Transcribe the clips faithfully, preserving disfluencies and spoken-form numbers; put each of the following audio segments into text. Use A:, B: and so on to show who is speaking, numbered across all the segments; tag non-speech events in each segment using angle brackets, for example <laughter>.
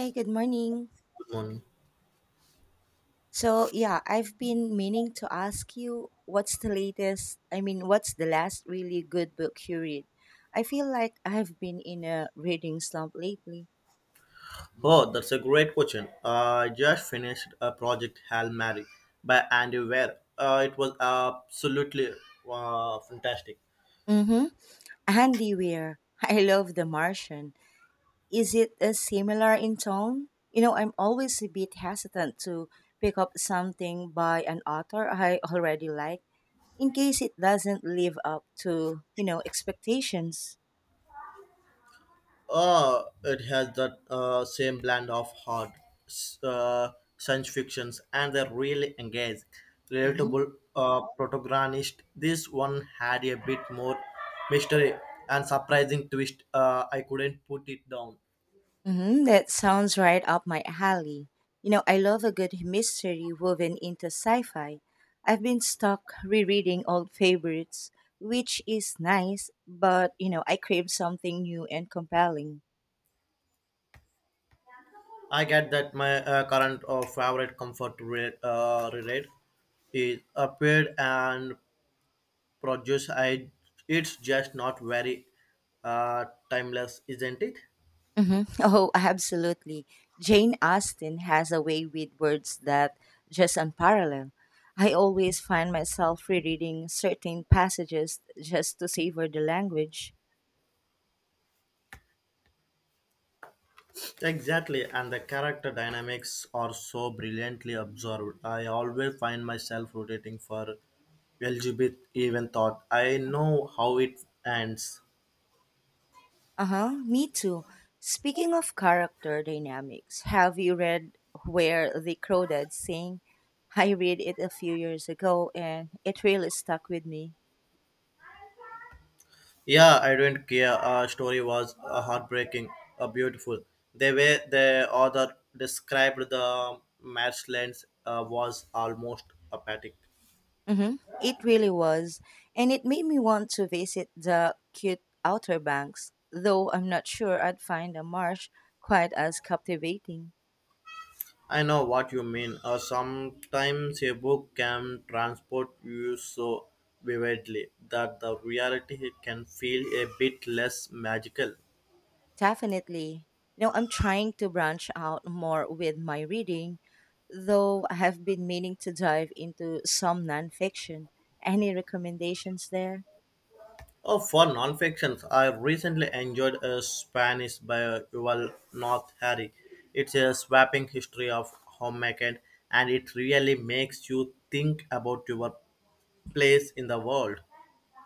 A: Hey, good morning.
B: One.
A: So, yeah, I've been meaning to ask you what's the latest, I mean, what's the last really good book you read? I feel like I've been in a reading slump lately.
B: Oh, that's a great question. I just finished a project Hail Mary by Andy Weir. Uh, it was absolutely uh, fantastic.
A: Mm-hmm. Andy Weir. <laughs> I love The Martian. Is it a similar in tone? You know, I'm always a bit hesitant to pick up something by an author I already like in case it doesn't live up to, you know, expectations.
B: Uh, it has that uh, same blend of hard s- uh, science fictions and the are really engaged, relatable uh, protagonist. This one had a bit more mystery and surprising twist. Uh, I couldn't put it down.
A: Hmm that sounds right up my alley. You know, I love a good mystery woven into sci fi. I've been stuck rereading old favorites, which is nice, but, you know, I crave something new and compelling.
B: I get that my uh, current or favorite comfort re- uh, reread is appeared and produced. I it's just not very uh, timeless, isn't it?
A: Hmm, <laughs> oh, absolutely. Jane Austen has a way with words that just unparalleled. I always find myself rereading certain passages just to savor the language.
B: Exactly, and the character dynamics are so brilliantly observed. I always find myself rotating for L G B T even thought. I know how it ends.
A: Uh huh. Me too. Speaking of character dynamics, have you read Where the Crow Dad Sing? I read it a few years ago and it really stuck with me.
B: Yeah, I don't care. Our story was uh, heartbreaking, uh, beautiful. The way the author described the match lens uh, was almost apathetic.
A: Mm-hmm. It really was. And it made me want to visit the cute Outer Banks, though I'm not sure I'd find a marsh quite as captivating.
B: I know what you mean. Uh, sometimes a book can transport you so vividly that the reality can feel a bit less magical.
A: Definitely. You know, I'm trying to branch out more with my reading, though I have been meaning to dive into some nonfiction. Any recommendations there?
B: Oh, for nonfictions, I recently enjoyed a Spanish by Yuval North Harry. It's a swapping history of homemaking, and it really makes you think about your place in the world.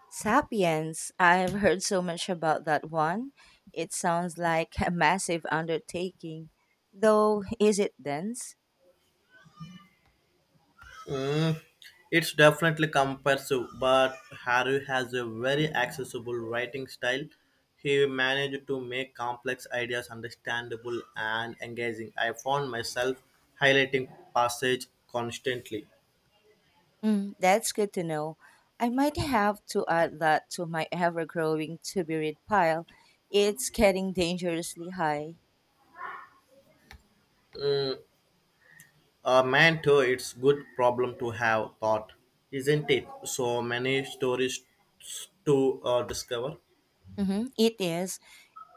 A: Sapiens. I've heard so much about that one. It sounds like a massive undertaking. Though, is it dense?
B: Mm, it's definitely comprehensive, but Harry has a very accessible writing style. He managed to make complex ideas understandable and engaging. I found myself highlighting passage constantly.
A: Mm, that's good to know. I might have to add that to my ever growing to be read pile. It's getting dangerously high.
B: A man, too, it's good problem to have thought, isn't it? So many stories to uh, discover.
A: Mm-hmm. It is.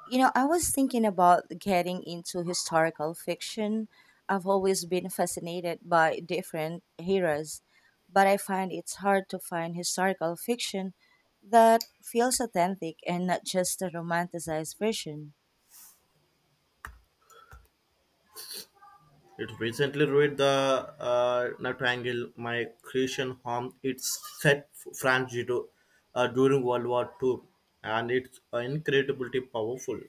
A: You know, I was thinking about getting into historical fiction. I've always been fascinated by different eras, but I find it's hard to find historical fiction that feels authentic and not just a romanticized version.
B: It recently read the uh, Nightingale, my Christian home. It's set f- France to, uh, during World War Two, and it's uh, incredibly powerful.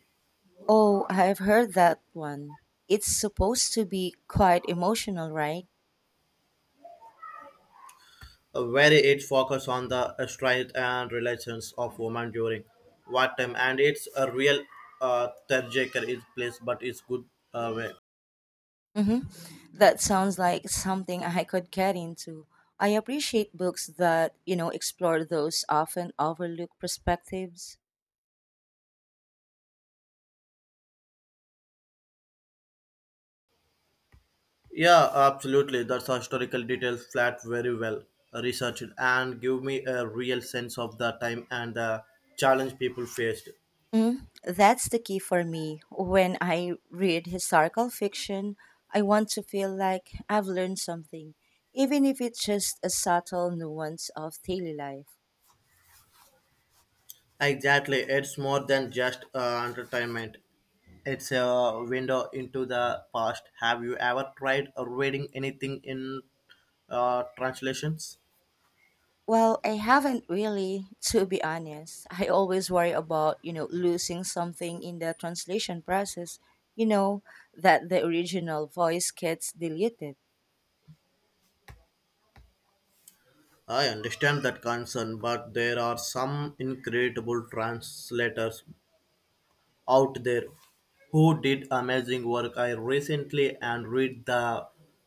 A: Oh, I've heard that one. It's supposed to be quite emotional, right?
B: Uh, Where it focuses on the uh, strength and relations of women during wartime, and it's a real uh, trajectory is place, but it's good uh, way.
A: Mm-hmm. That sounds like something I could get into. I appreciate books that, you know, explore those often overlooked perspectives.
B: Yeah, absolutely. That's a historical details flat very well researched and give me a real sense of the time and the challenge people faced.
A: Mm, that's the key for me. When I read historical fiction, I want to feel like I've learned something, even if it's just a subtle nuance of daily life.
B: Exactly. It's more than just uh, entertainment. It's a window into the past. Have you ever tried reading anything in uh, translations?
A: Well, I haven't really, to be honest. I always worry about, you know, losing something in the translation process, you know, that the original voice gets deleted.
B: I understand that concern, but there are some incredible translators out there who did amazing work. I recently and read the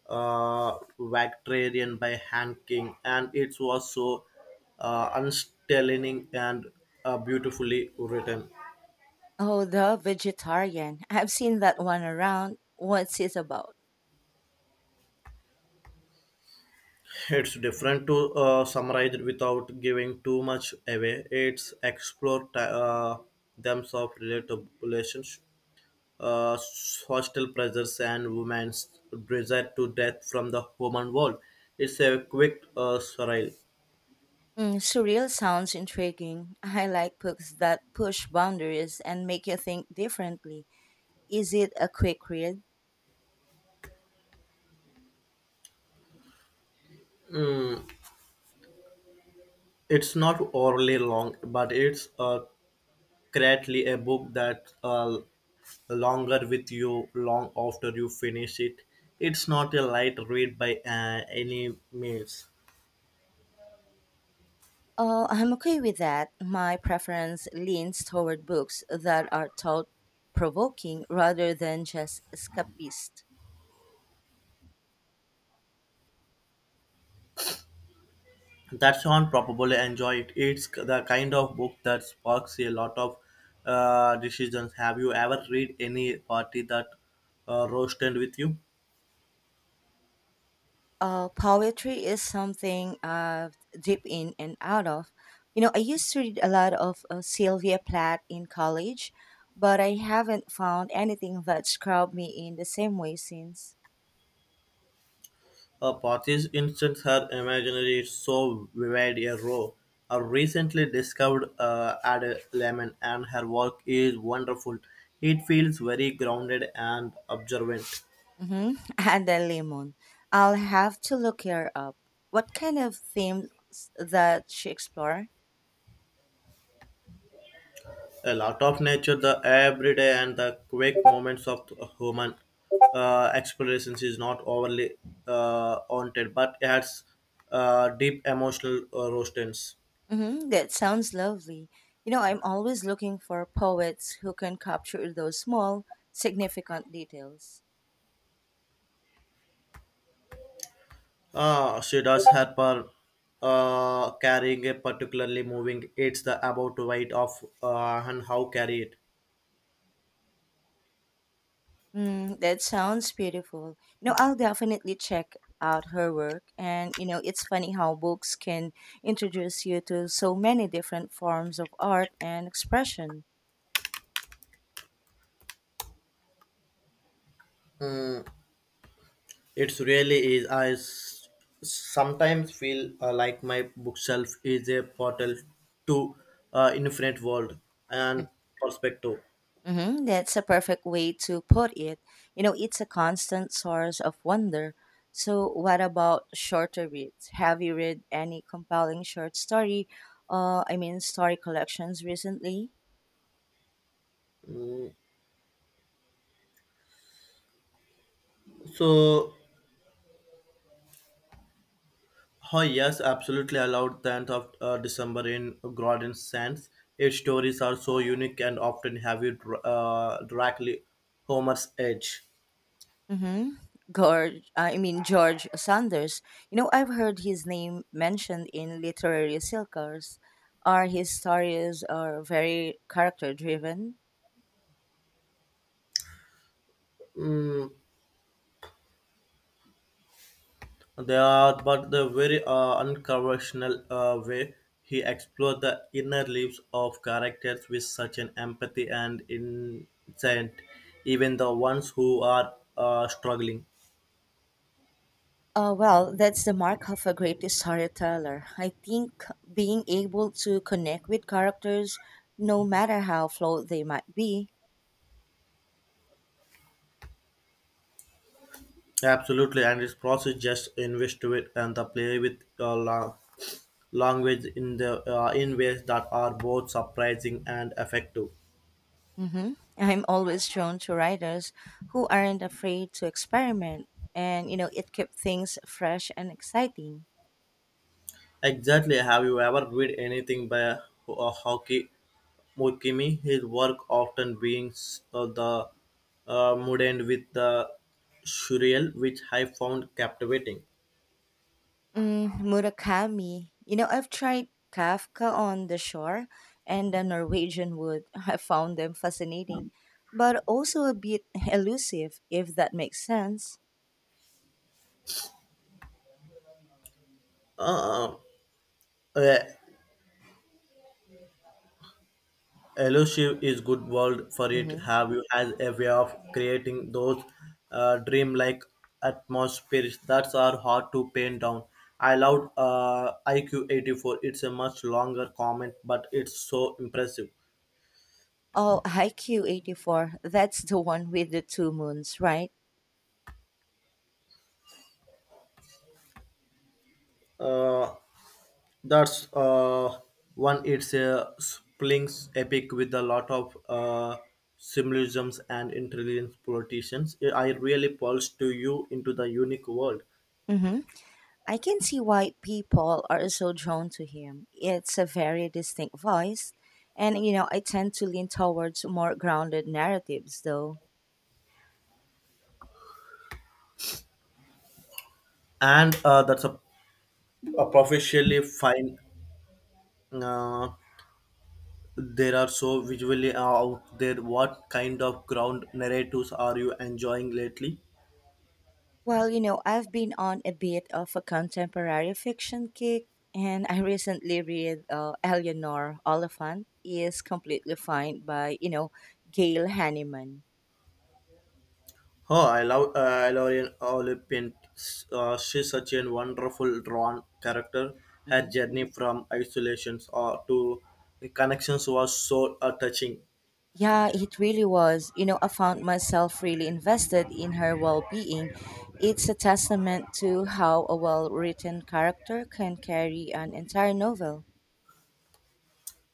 B: uh, Victorian by Hank King, and it was so uh, unsettling and uh, beautifully written.
A: Oh, the vegetarian. I've seen that one around. What's it about?
B: It's different to uh, summarize it without giving too much away. It's explore t- uh, themes of related relations uh, hostile pressures and women's desire to death from the human world. It's a quick uh, surreal.
A: Mm, surreal sounds intriguing. I like books that push boundaries and make you think differently. Is it a quick read?
B: It's not overly long, but it's uh, greatly a book that uh, longer with you long after you finish it. It's not a light read by uh, any means.
A: Oh, I'm okay with that. My preference leans toward books that are thought provoking rather than just escapist.
B: That's on probably enjoy it. It's the kind of book that sparks a lot of uh, decisions. Have you ever read any party that uh, roasted with you?
A: Uh, poetry is something I've dipped in and out of. You know, I used to read a lot of uh, Sylvia Plath in college, but I haven't found anything that's grabbed me in the same way since.
B: A party's instance her imaginary is so vivid a row. A recently discovered uh, Ada Lemon and her work is wonderful. It feels very grounded and observant.
A: Mm-hmm. <laughs> And the lemon. I'll have to look her up. What kind of themes that she explore?
B: A lot of nature, the everyday and the quick moments of human uh, explorations is not overly uh, haunted, but adds uh, deep emotional uh, roastings.
A: Mm-hmm. That sounds lovely. You know, I'm always looking for poets who can capture those small, significant details.
B: Uh, she does help her uh, carrying a particularly moving. It's the about weight of uh, and how carry it.
A: Mm, that sounds beautiful. You know, I'll definitely check out her work. And, you know, it's funny how books can introduce you to so many different forms of art and expression.
B: It's really is. I s- sometimes feel uh, like my bookshelf is a portal to uh, infinite world and perspective.
A: Hmm, that's a perfect way to put it. You know, it's a constant source of wonder. So, what about shorter reads? Have you read any compelling short story, uh, I mean, story collections recently?
B: So, oh yes, absolutely allowed tenth of uh, December in Gordon Sands. Its stories are so unique and often have you dr- uh, directly Homer's edge.
A: Mm-hmm. George, I mean, George Sanders. You know, I've heard his name mentioned in literary circles. Are his stories are very character driven?
B: Mm, they are, but the very uh, unconventional uh, way he explored the inner lives of characters with such an empathy and insight, even the ones who are uh, struggling.
A: Uh, well, that's the mark of a great storyteller. I think being able to connect with characters, no matter how flawed they might be.
B: Absolutely, and its process just invest to it and the play with uh, la- language in the uh, in ways that are both surprising and effective.
A: Hmm, I'm always drawn to writers who aren't afraid to experiment, and you know, it keeps things fresh and exciting.
B: Exactly. Have you ever read anything by uh, Hoki Mukimi? His work often being s- uh, the uh, mundane with the surreal, which I found captivating.
A: Mm, Murakami. You know, I've tried Kafka on the shore and the Norwegian wood. <laughs> I found them fascinating, but also a bit elusive, if that makes sense.
B: Uh, uh, Elusive is good world for it.
A: Mhm.
B: Have you has a way of creating those uh, dreamlike atmospheres that are hard to pin down. I loved uh, I Q eight four. It's a much longer comment, but it's so impressive.
A: Oh, I Q eighty-four. That's the one with the two moons, right?
B: Uh, that's uh, one. It's a Splings epic with a lot of uh, symbolisms and intelligent politicians. I really pulse to you into the unique world.
A: Mm-hmm. I can see why people are so drawn to him. It's a very distinct voice. And, you know, I tend to lean towards more grounded narratives, though.
B: And uh, that's a uh, professionally fine uh, there are so visually out there. What kind of ground narratives are you enjoying lately?
A: Well, you know, I've been on a bit of a contemporary fiction kick, and I recently read uh, Eleanor Oliphant is completely fine by, you know, Gail Hanneman.
B: Oh, I love uh, i love an olympian. Uh, she's such a wonderful drawn character. Her journey from isolations or to the connections was so uh, touching.
A: Yeah, it really was. You know, I found myself really invested in her well being. It's a testament to how a well written character can carry an entire novel.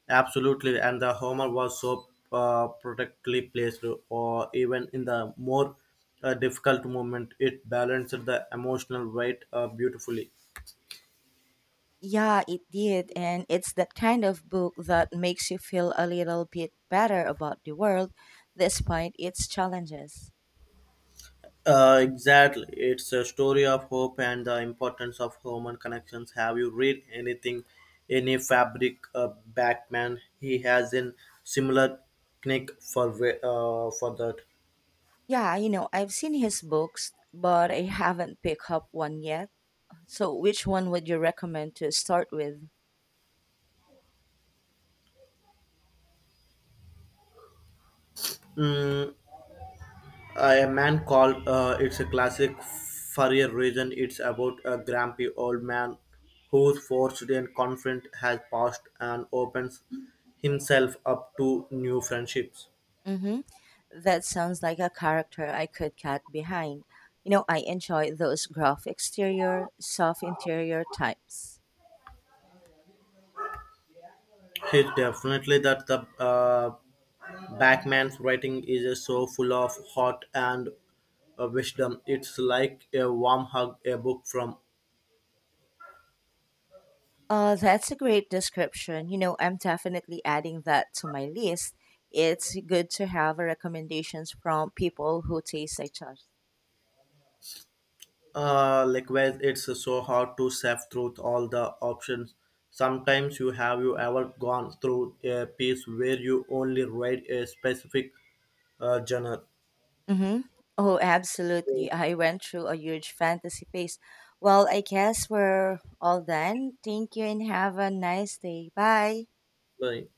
B: Absolutely, and the Homer was so uh, perfectly placed, or even in the more uh, difficult moment, it balanced the emotional weight uh, beautifully.
A: Yeah, it did. And it's that kind of book that makes you feel a little bit better about the world despite its challenges.
B: Uh, exactly, it's a story of hope and the importance of human connections. Have you read anything, any fabric uh, Batman? He has a similar knack for wa- uh, for that.
A: Yeah, you know, I've seen his books, but I haven't picked up one yet. So, which one would you recommend to start with?
B: Mm, Uh, a man called uh, it's a classic for a reason. It's about a grumpy old man who's forced and confident has passed and opens himself up to new friendships.
A: Mm-hmm. That sounds like a character I could get behind. You know, I enjoy those gruff exterior, soft interior types.
B: He's definitely that the uh, Backman's writing is so full of heart and uh, wisdom. It's like a warm hug, a book from.
A: Uh, that's a great description. You know, I'm definitely adding that to my list. It's good to have recommendations from people who taste like us.
B: Uh, likewise, it's so hard to sift through all the options. Sometimes you have you ever gone through a piece where you only read a specific uh, genre?
A: Mm-hmm. Oh, absolutely. I went through a huge fantasy phase. Well, I guess we're all done. Thank you and have a nice day. Bye.
B: Right.